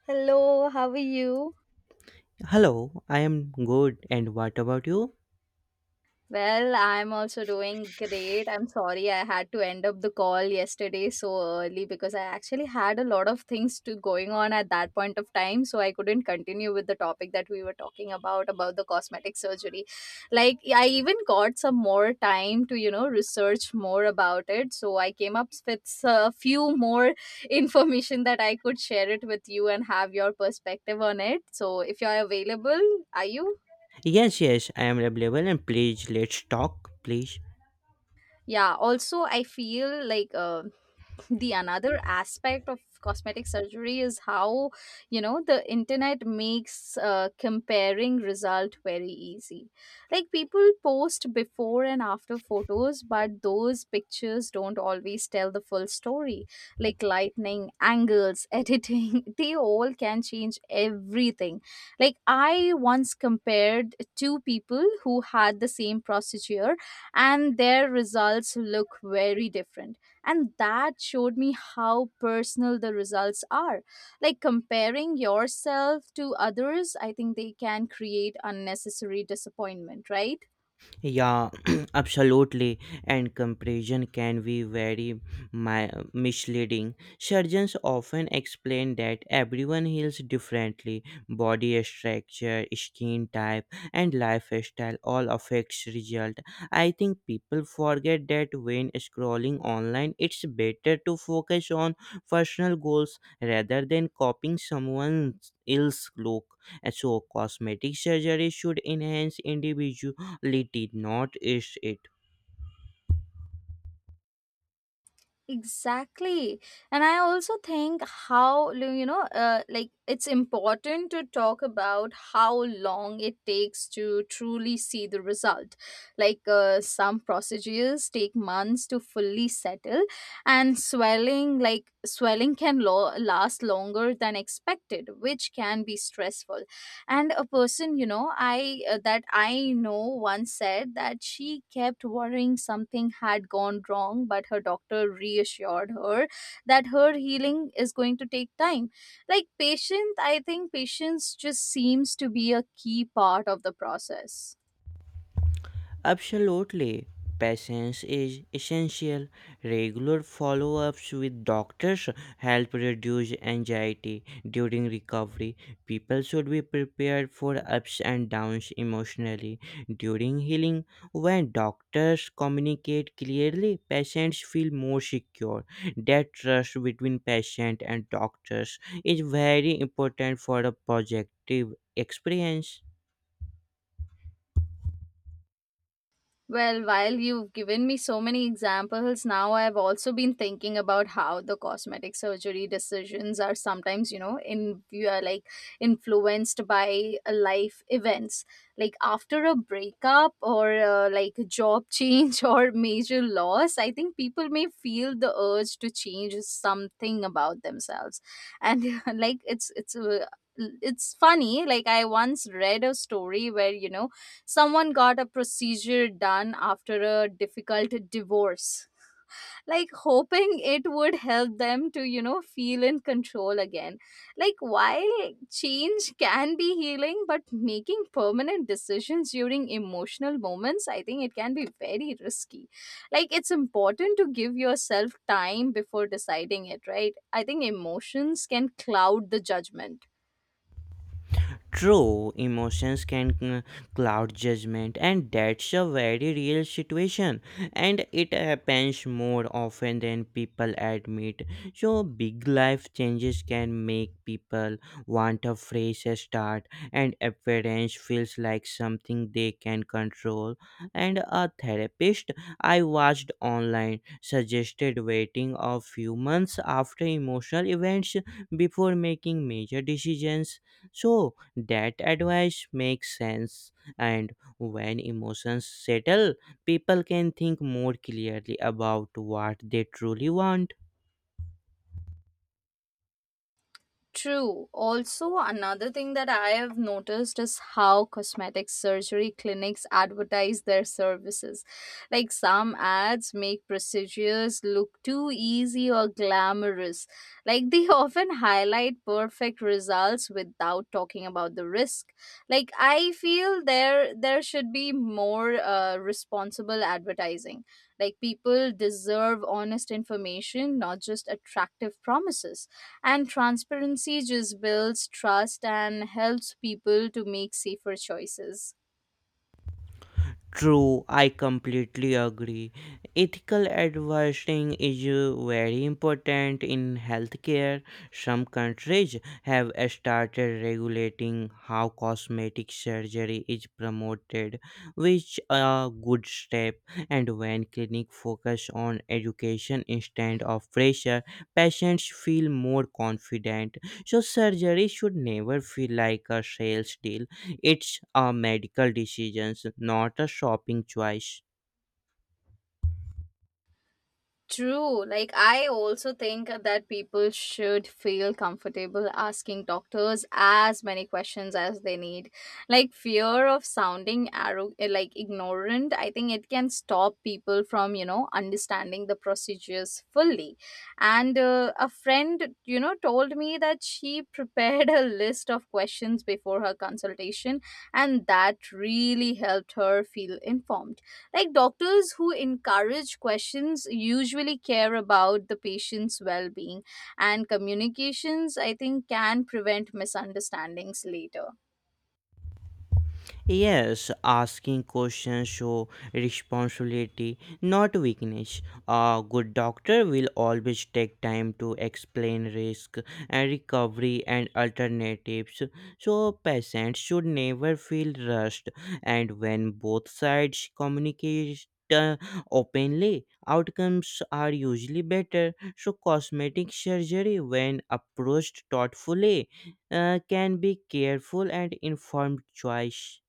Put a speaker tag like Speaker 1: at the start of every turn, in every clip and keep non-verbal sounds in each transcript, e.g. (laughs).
Speaker 1: Hello, how are you?
Speaker 2: Hello, I am good. And what about you?
Speaker 1: Well, I'm also doing great. I'm sorry I had to end up the call yesterday so early because I actually had a lot of things to going on at that point of time, so I couldn't continue with the topic that we were talking about the cosmetic surgery. Like I even got some more time to, you know, research more about it, so I came up with a few more (laughs) information that I could share it with you and have your perspective on it. So if you're available, are you?
Speaker 2: Yes, yes, I am available and please let's talk, please.
Speaker 1: Yeah, also I feel like the another aspect of cosmetic surgery is how, you know, the internet makes comparing result very easy. Like people post before and after photos, but those pictures don't always tell the full story. Like lightning angles, (laughs) editing, they all can change everything. Like I once compared two people who had the same procedure, and their results look very different, and that showed me how personal the results are. Like, comparing yourself to others, I think they can create unnecessary disappointment, right?
Speaker 2: Yeah, (clears throat) absolutely. And comparison can be very misleading. Surgeons often explain that everyone heals differently. Body structure, skin type, and lifestyle all affects result. I think people forget that when scrolling online, it's better to focus on personal goals rather than copying someone else's look. So cosmetic surgery should enhance individual definitely did not is it.
Speaker 1: Exactly. And I also think how, like it's important to talk about how long it takes to truly see the result. Like some procedures take months to fully settle, and swelling, like swelling can last longer than expected, which can be stressful. And a person, you know I that I know, once said that she kept worrying something had gone wrong, but her doctor reassured her that her healing is going to take time. Like patience, I think patience just seems to be a key part of the process.
Speaker 2: Absolutely. Patience is essential. Regular follow ups with doctors help reduce anxiety during recovery. People should be prepared for ups and downs emotionally during healing. When doctors communicate clearly, patients feel more secure. That trust between patient and doctors is very important for a positive experience.
Speaker 1: Well, while you've given me so many examples, now I've also been thinking about how the cosmetic surgery decisions are sometimes, you know, in you are like influenced by life events. Like after a breakup or like a job change (laughs) or major loss, I think people may feel the urge to change something about themselves. And (laughs) like it's it's funny. Like I once read a story where, you know, someone got a procedure done after a difficult divorce, like hoping it would help them to, you know, feel in control again. Like, while change can be healing, but making permanent decisions during emotional moments, I think it can be very risky. Like, it's important to give yourself time before deciding it, right? I think emotions can cloud the judgment.
Speaker 2: True, emotions can cloud judgment, and that's a very real situation, and it happens more often than people admit. So, big life changes can make people want a fresh start, and appearance feels like something they can control. And a therapist I watched online suggested waiting a few months after emotional events before making major decisions. So, that advice makes sense, and when emotions settle, people can think more clearly about what they truly want.
Speaker 1: True. Also, another thing that I have noticed is how cosmetic surgery clinics advertise their services. Like some ads make procedures look too easy or glamorous. Like they (laughs) often highlight perfect results without talking about the risk. Like I feel there should be more responsible advertising. Like people deserve honest information, not just attractive promises, and transparency just builds trust and helps people to make safer choices.
Speaker 2: True, I completely agree. Ethical advertising is very important in healthcare. Some countries have started regulating how cosmetic surgery is promoted, which a good step. And when clinics focus on education instead of pressure, patients feel more confident. So surgery should never feel like a sales deal. It's a medical decision, not a shopping choice.
Speaker 1: True. Like, I also think that people should feel comfortable asking doctors as many questions as they need. Like, fear of sounding like ignorant, I think it can stop people from, you know, understanding the procedures fully. And a friend, you know, told me that she (laughs) prepared a list of questions before her consultation, and that really helped her feel informed. Like doctors who encourage questions usually care about the patient's well-being, and communications, I think, can prevent misunderstandings later.
Speaker 2: Yes, asking questions show responsibility, not weakness. A good doctor will always take time to explain risk and recovery and alternatives. So patients should never feel rushed, and when both sides communicate uh, openly, outcomes are usually better. So cosmetic surgery, when approached thoughtfully, can be careful and informed choice.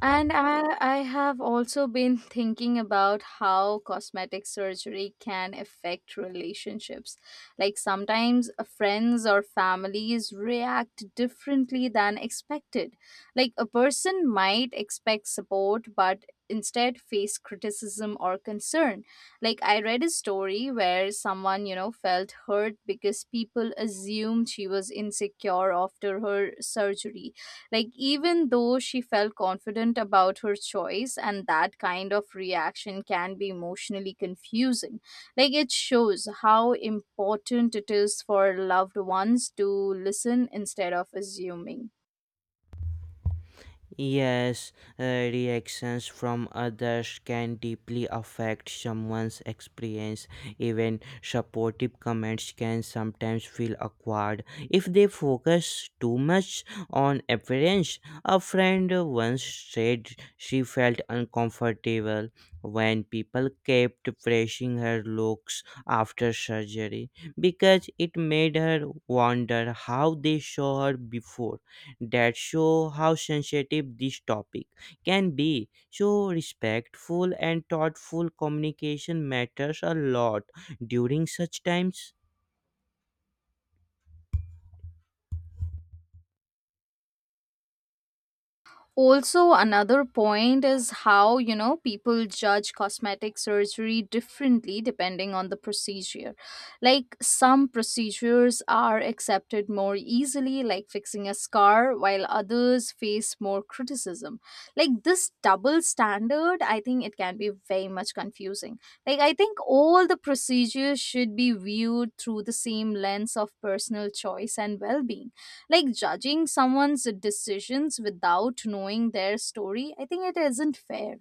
Speaker 1: And I have also been (laughs) thinking about how cosmetic surgery can affect relationships. Like sometimes friends or families react differently than expected. Like a person might expect support, but instead face criticism or concern. Like I read a story where someone, you know, felt hurt because people assumed she was insecure after her surgery, like, even though she felt confident about her choice, and that kind of reaction can be emotionally confusing. Like, it shows how important it is for loved ones to listen instead of assuming.
Speaker 2: Yes, uh, reactions from others can deeply affect someone's experience. Even supportive comments can sometimes feel awkward if they focus too much on appearance. A friend once said she felt uncomfortable when people kept praising her looks after surgery, because it made her wonder how they saw her before. That show how sensitive this topic can be. So, respectful and thoughtful communication matters a lot during such times.
Speaker 1: Also, another point is how, you know, people judge cosmetic surgery differently depending on the procedure. Like some procedures are accepted more easily, like fixing a scar, while others face more criticism. Like this double standard, I think, it can be very much confusing. Like I think all the procedures should be viewed through the same lens of personal choice and well-being. Like judging someone's decisions without knowing their story, I think it isn't fair.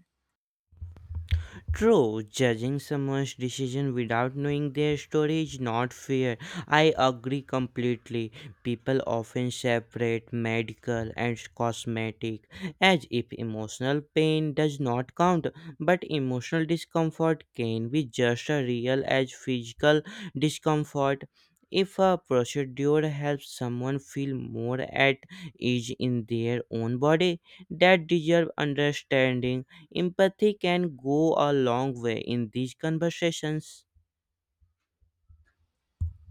Speaker 2: True, judging someone's decision without knowing their story is not fair. I agree completely. People often separate medical and cosmetic as if emotional pain does not count, but emotional discomfort can be just as real as physical discomfort. If a procedure helps someone feel more at ease in their own body, that deserves understanding. Empathy can go a long way in these conversations.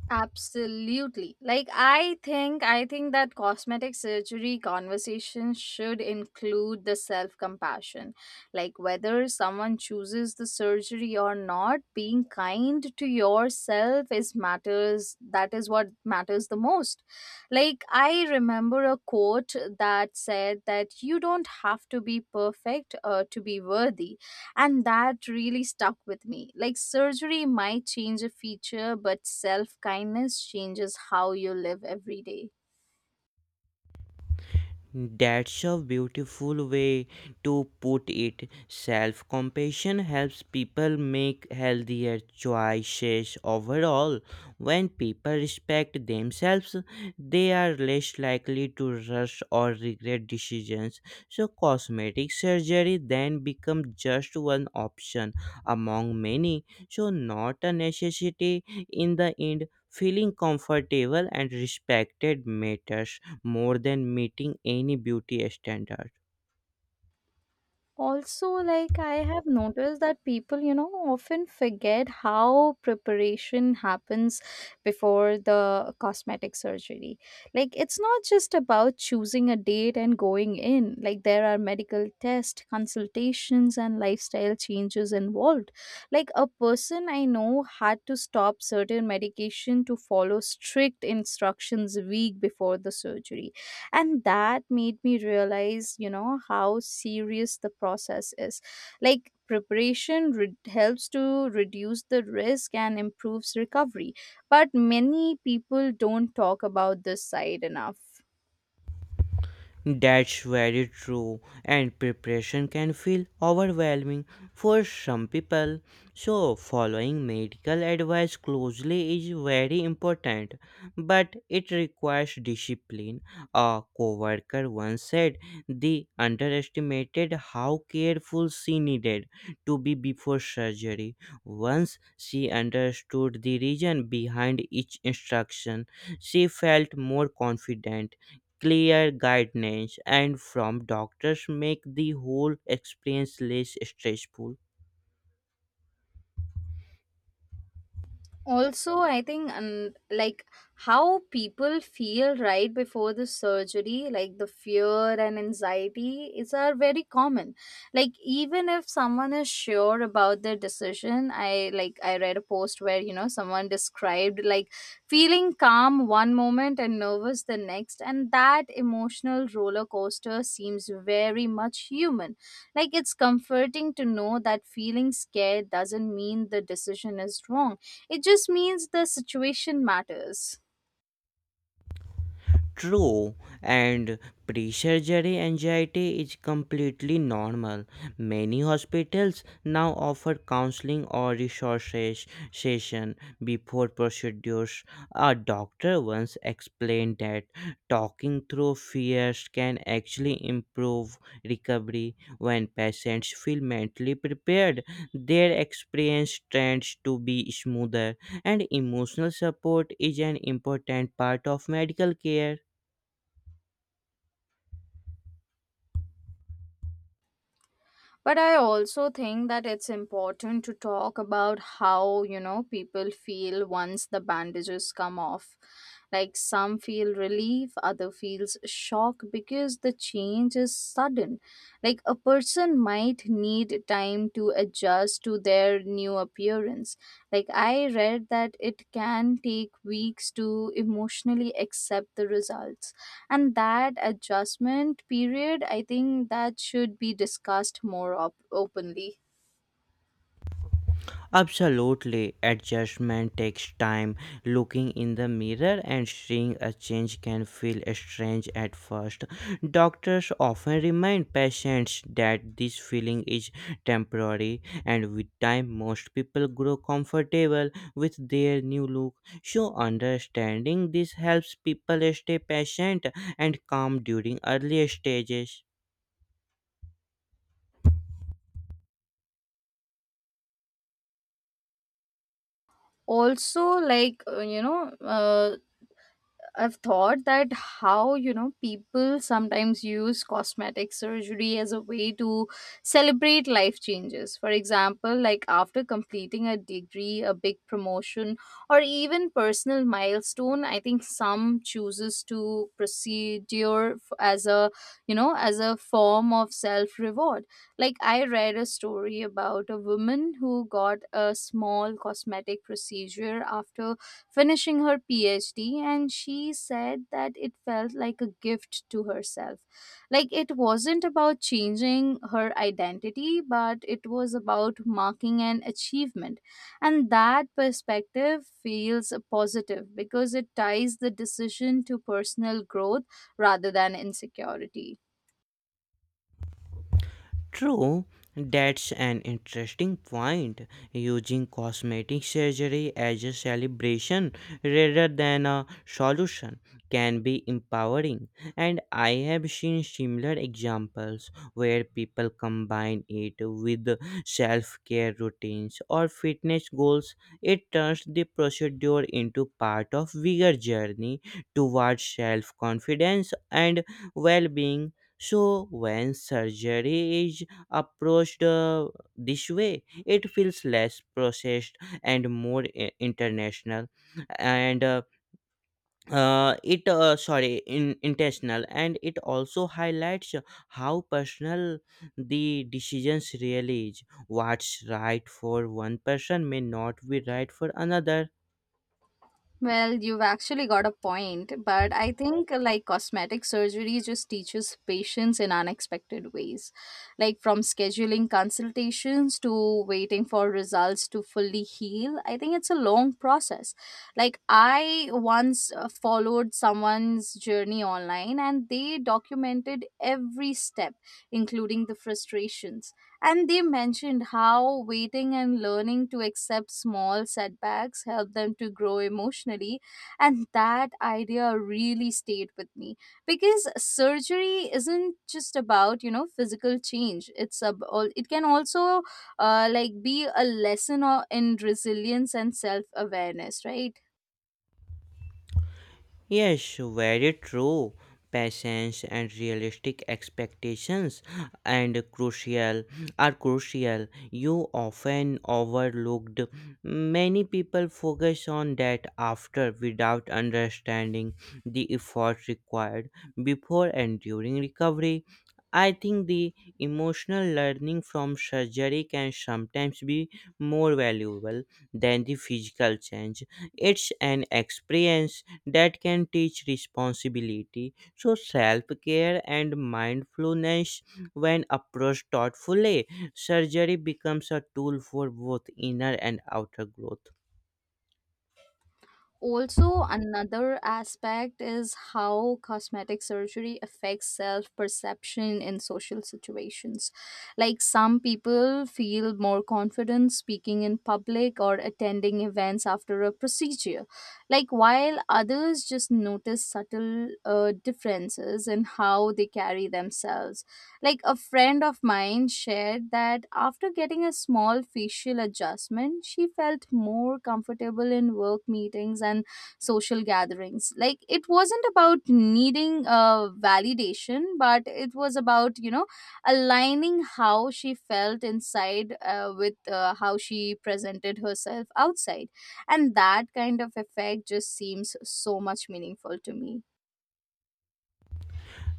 Speaker 1: Absolutely. Like I think that cosmetic surgery conversation should include the self-compassion. Like whether someone chooses the surgery or not, being kind to yourself is matters, that is what matters the most. Like, I remember a quote that said that you don't have to be perfect to be worthy. And that really stuck with me. Like, surgery might change a feature, but self kindness changes how you live every day.
Speaker 2: That's a beautiful way to put it. Self compassion helps people make healthier choices overall. When people respect themselves, they are less likely to rush or regret decisions. So, cosmetic surgery then becomes just one option among many, so, not a necessity in the end. Feeling comfortable and respected matters more than meeting any beauty standard.
Speaker 1: Also, like, I have noticed that people, you know, often forget how preparation happens before the cosmetic surgery. Like it's not just about choosing a date and going in. Like there are medical tests, consultations, and lifestyle changes involved. Like a person I know had to stop certain medication, to follow strict instructions a week before the surgery, and that made me realize, you know, how serious the process is. Like preparation helps to reduce the risk and improves recovery, but many people don't talk about this side enough.
Speaker 2: That's very true, and preparation can feel overwhelming for some people. So, following medical advice closely is very important, but it requires discipline. A coworker once said they underestimated how careful she needed to be before surgery. Once she understood the reason behind each instruction, she felt more confident. Clear guidance and from doctors make the whole experience less stressful.
Speaker 1: Also, I think, and like, how people feel right before the surgery, like the fear and anxiety is are very common. Like even if someone is sure about their decision, I like, I read a post where, you know, someone described like feeling calm one moment and nervous the next, and that emotional roller coaster seems very much human. Like it's comforting to know that feeling scared doesn't mean the decision is wrong, it just means the situation matters.
Speaker 2: True, and pre surgery anxiety is completely normal. Many hospitals now offer counseling or resources session before procedures. A doctor once explained that talking through fears can actually improve recovery. When patients feel mentally prepared, their experience tends to be smoother, and emotional support is an important part of medical care.
Speaker 1: But I also think that it's important to talk about how, you know, people feel once the bandages come off. Like some feel relief, other feels shock because the change is sudden. Like a person might need time to adjust to their new appearance. Like I read that it can take weeks to emotionally accept the results. And that adjustment period, I think that should be discussed more openly.
Speaker 2: Absolutely, adjustment takes time. Looking in the mirror and seeing a change can feel strange at first. Doctors often remind patients that this feeling is temporary, and with time, most people grow comfortable with their new look. So, understanding this helps people stay patient and calm during early stages.
Speaker 1: Also, like I've thought that how, you know, people sometimes use cosmetic surgery as a way to celebrate life changes. For example, like after completing a degree, a big promotion, or even personal milestone, I think some chooses to procedure as a, you know, as a form of self-reward. Like, I read a story about a woman who got a small cosmetic procedure after finishing her PhD, and she said that it felt like a gift to herself. Like, it wasn't about changing her identity, but it was about marking an achievement. And that perspective feels positive because it ties the decision to personal growth rather than insecurity.
Speaker 2: True, that's an interesting point. Using cosmetic surgery as a celebration rather than a solution can be empowering, and I have seen similar examples where people combine it with self care routines or fitness goals. It turns the procedure into part of bigger journey towards self confidence and well being. So, when surgery is approached this way, it feels less processed and more international and it sorry, intentional, and it also highlights how personal the decisions really is. What's right for one person may not be right for another.
Speaker 1: Well, you've actually got a point, but I think like cosmetic surgery just teaches patience in unexpected ways. Like from scheduling consultations to waiting for results to fully heal, I think it's a long process. Like I once followed someone's journey online, and they documented every step, including the frustrations. And they mentioned how waiting and learning to accept small setbacks help them to grow emotionally. And that idea really stayed with me, because surgery isn't just about, you know, physical change. It's a, it can also like be a lesson in resilience and self awareness, right?
Speaker 2: Yes, very true. Patience and realistic expectations and crucial are crucial. You often overlooked. Many people focus on that after without understanding the effort required before and during recovery. I think the emotional learning from surgery can sometimes be more valuable than the physical change. It's an experience that can teach responsibility. So, self care and mindfulness, when approached thoughtfully, surgery becomes a tool for both inner and outer growth.
Speaker 1: Also, another aspect is how cosmetic surgery affects self perception in social situations. Like, some people feel more confident speaking in public or attending events after a procedure, like, while others just notice subtle differences in how they carry themselves. Like a friend of mine shared that after getting a small facial adjustment, she felt more comfortable in work meetings and social gatherings. Like it wasn't about needing a validation, but it was about, you know, aligning how she felt inside with how she presented herself outside. And that kind of effect just seems so much meaningful to me.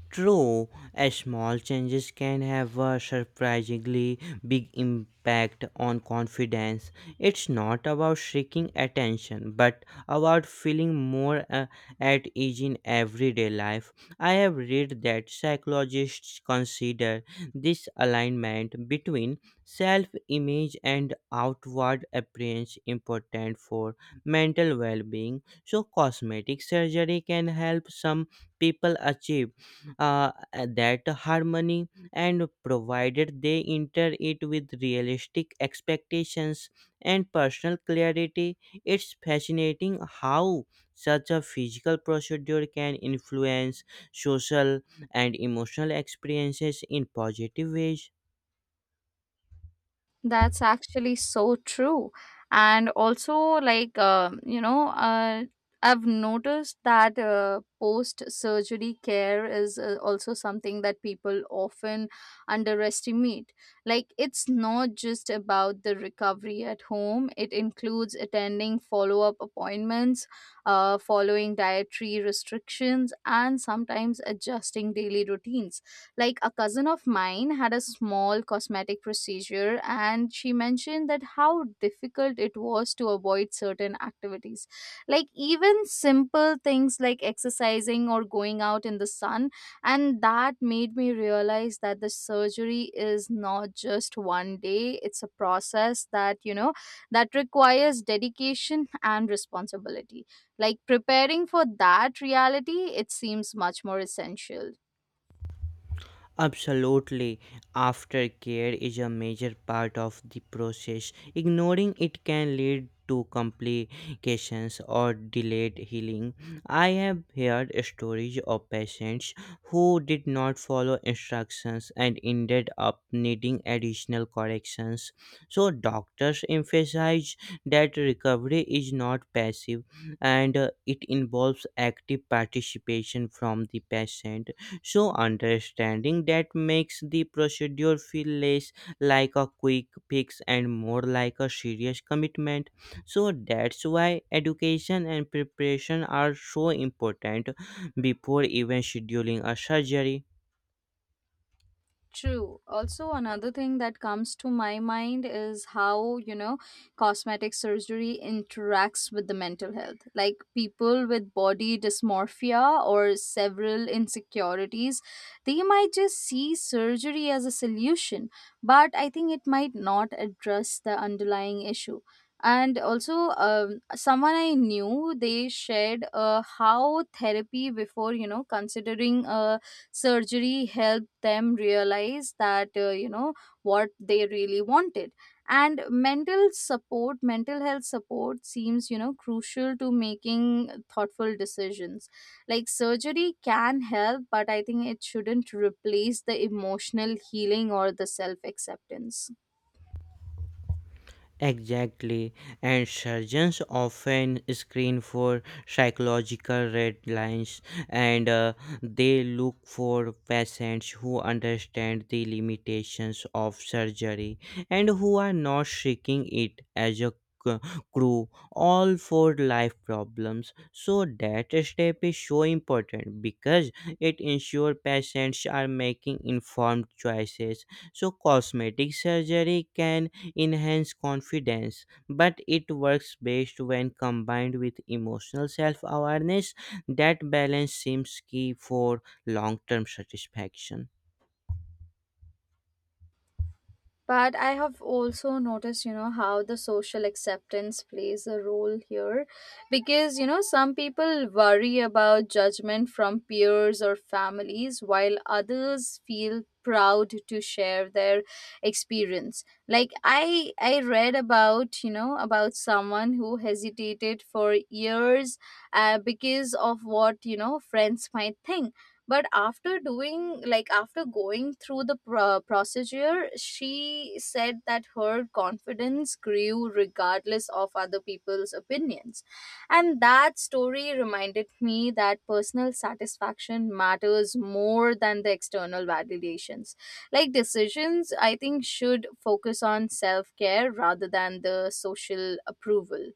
Speaker 2: True, a small changes can have a surprisingly big impact on confidence. It's not about seeking attention, but about feeling more at ease in everyday life. I have read that psychologists consider this alignment between self-image and outward appearance important for mental well-being. So cosmetic surgery can help some people achieve that harmony, and provided they enter it with realistic expectations and personal clarity, it's fascinating how such a physical procedure can influence social and emotional experiences in positive ways.
Speaker 1: That's actually so true. And also, like, I've noticed that post surgery care is also something that people often underestimate. Like, it's not just about the recovery at home, it includes attending follow up appointments, following dietary restrictions, and sometimes adjusting daily routines. Like a cousin of mine had a small cosmetic procedure, and she mentioned that how difficult it was to avoid certain activities. Like even simple things like exercising or going out in the sun. And that made me realize that the surgery is not just one day, it's a process that, you know, that requires dedication and responsibility. Like preparing for that reality, it seems much more essential.
Speaker 2: Absolutely. Aftercare is a major part of the process. Ignoring it can lead to complications or delayed healing. I have heard stories of patients who did not follow instructions and ended up needing additional corrections. So, doctors emphasize that recovery is not passive, and it involves active participation from the patient. So, understanding that makes the procedure feel less like a quick fix and more like a serious commitment. So, that's why education and preparation are so important before even scheduling a surgery.
Speaker 1: True. Also, another thing that comes to my mind is how cosmetic surgery interacts with the mental health. Like people with body dysmorphia or several insecurities, they might just see surgery as a solution, but I think it might not address the underlying issue. And also, someone I knew, they shared how therapy before considering a surgery helped them realize that what they really wanted, and mental health support seems crucial to making thoughtful decisions. Like surgery can help, but I think it shouldn't replace the emotional healing or the self acceptance.
Speaker 2: Exactly, and surgeons often screen for psychological red lines, and they look for patients who understand the limitations of surgery and who are not seeking it as a c- crew all for life problems. So that step is so important because it ensures patients are making informed choices. So cosmetic surgery can enhance confidence, but it works best when combined with emotional self awareness. That balance seems key for long term satisfaction.
Speaker 1: But I have also noticed how the social acceptance plays a role here, because some people worry about judgment from peers or families while others feel proud to share their experience. Like I read about you know about someone who hesitated for years because of what friends might think. But after doing like after going through the procedure, she said that her confidence grew regardless of other people's opinions. And that story reminded me that personal satisfaction matters more than the external validations. Like decisions, I think, should focus on self care rather than the social approval.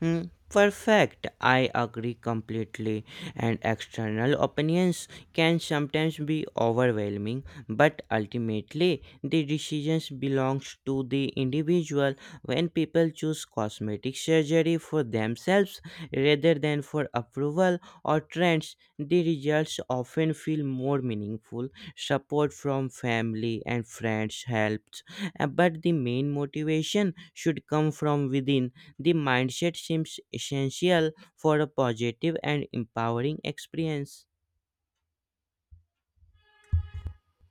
Speaker 2: Hmm, perfect. I agree completely. And external opinions can sometimes be overwhelming, but ultimately the decisions belongs to the individual. When people choose cosmetic surgery for themselves rather than for approval or trends, the results often feel more meaningful. Support from family and friends helps. But the main motivation should come from within. The mindset seems essential for a positive and empowering experience.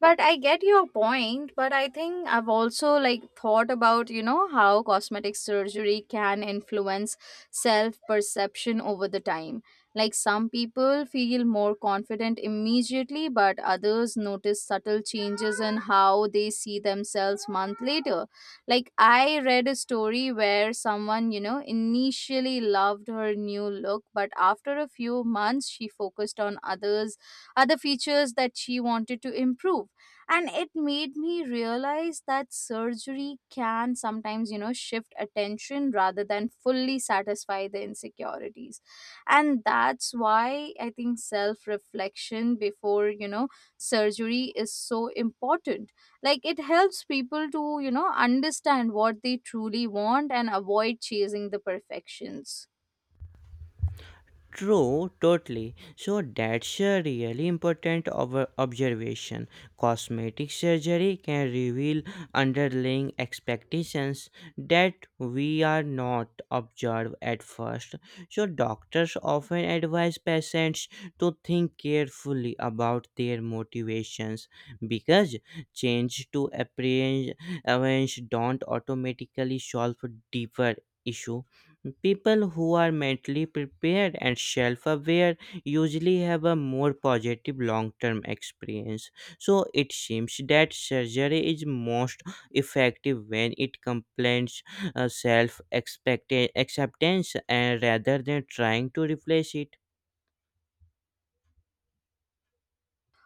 Speaker 1: But I get your point, but I think I've also like thought about how cosmetic surgery can influence self-perception over the time. Like some people feel more confident immediately, but others notice subtle changes in how they see themselves month later. Like I read a story where someone initially loved her new look, but after a few months she focused on other features that she wanted to improve. And it made me realize that surgery can sometimes shift attention rather than fully satisfy the insecurities. And that's why I think self reflection before surgery is so important. Like it helps people to understand what they truly want and avoid chasing the perfections.
Speaker 2: True, totally. So that's a really important observation. Cosmetic surgery can reveal underlying expectations that we are not observed at first. So doctors often advise patients to think carefully about their motivations, because change to apprehension don't automatically solve deeper issues. People who are mentally prepared and self aware usually have a more positive long term experience. So it seems that surgery is most effective when it complements self acceptance and rather than trying to replace it.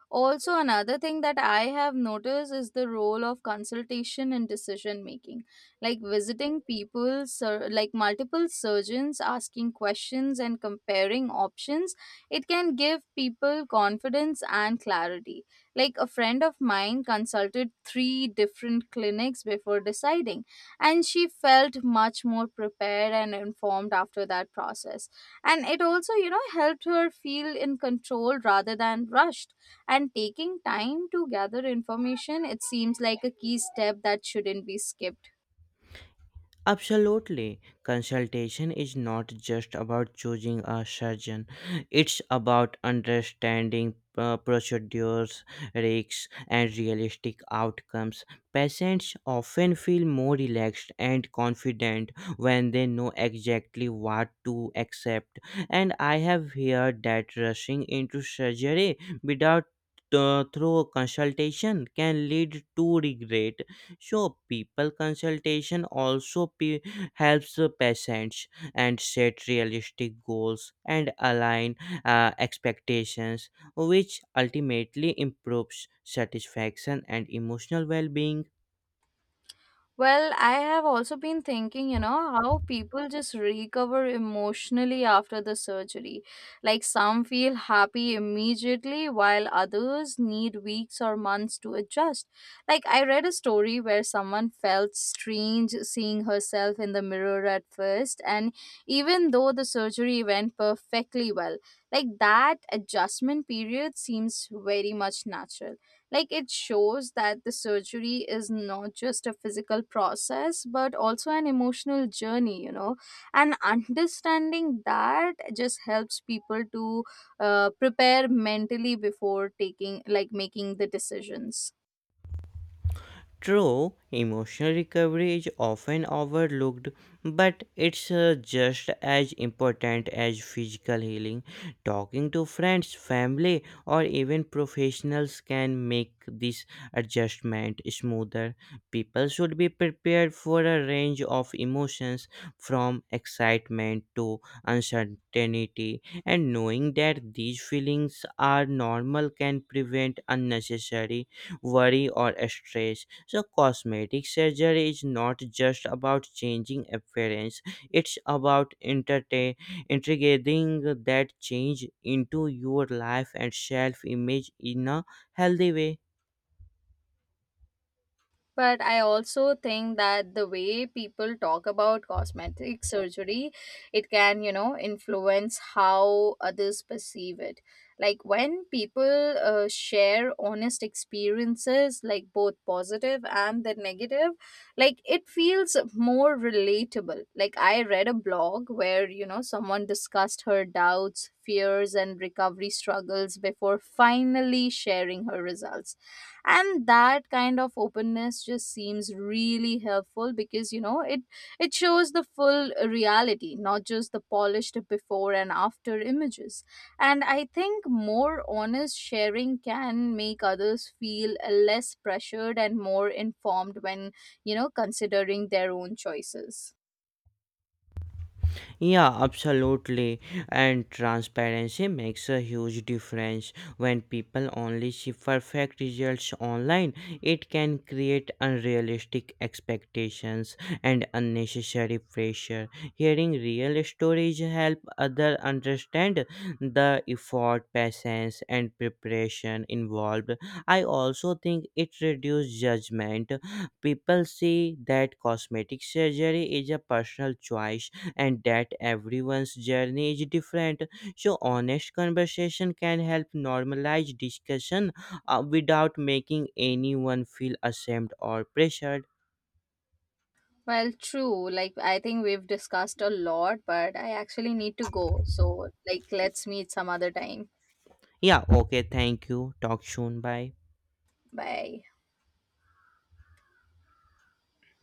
Speaker 1: Also, another thing that I have noticed is the role of consultation in decision making, like visiting people, like multiple surgeons, asking questions and comparing options. It can give people confidence and clarity. Like a friend of mine consulted three different clinics before deciding, and she felt much more prepared and informed after that process. And it also helped her feel in control rather than rushed. And taking time to gather information, it seems like a key step that shouldn't be skipped.
Speaker 2: Absolutely. Consultation is not just about choosing a surgeon, it's about understanding procedures, risks, and realistic outcomes. Patients often feel more relaxed and confident when they know exactly what to accept. And I have heard that rushing into surgery without thorough consultation can lead to regret. So people consultation also helps the patients and set realistic goals and align expectations, which ultimately improves satisfaction and emotional well-being.
Speaker 1: Well, I have also been thinking how people just recover emotionally after the surgery. Like some feel happy immediately, while others need weeks or months to adjust. Like I read a story where someone felt strange seeing herself in the mirror at first, and even though the surgery went perfectly well, like that adjustment period seems very much natural. Like it shows that the surgery is not just a physical process, but also an emotional journey. And understanding that just helps people to prepare mentally before making the decisions.
Speaker 2: True, emotional recovery is often overlooked, but it's just as important as physical healing. Talking to friends, family, or even professionals can make this adjustment smoother. People should be prepared for a range of emotions from excitement to uncertainty, and knowing that these feelings are normal can prevent unnecessary worry or stress. So, cosmetic surgery is not just about changing appearance, it's about integrating that change into your life and self image in a healthy way.
Speaker 1: But I also think that the way people talk about cosmetic surgery, it can influence how others perceive it. Like when people share honest experiences, like both positive and the negative. Like it feels more relatable. Like I read a blog where someone discussed her doubts, fears, and recovery struggles before finally sharing her results. And that kind of openness just seems really helpful because it shows the full reality, not just the polished before and after images. And I think more honest sharing can make others feel less pressured and more informed when considering their own choices.
Speaker 2: Yeah, absolutely. And transparency makes a huge difference. When people only see perfect results online, it can create unrealistic expectations and unnecessary pressure. Hearing real stories help others understand the effort, patience, and preparation involved. I also think it reduces judgment. People see that cosmetic surgery is a personal choice and that everyone's journey is different. So, honest conversation can help normalize discussion without making anyone feel ashamed or pressured.
Speaker 1: Well, true, like I think we've discussed a lot, but I actually need to go, so like let's meet some other time.
Speaker 2: Yeah, okay, thank you. Talk soon. Bye.
Speaker 1: Bye.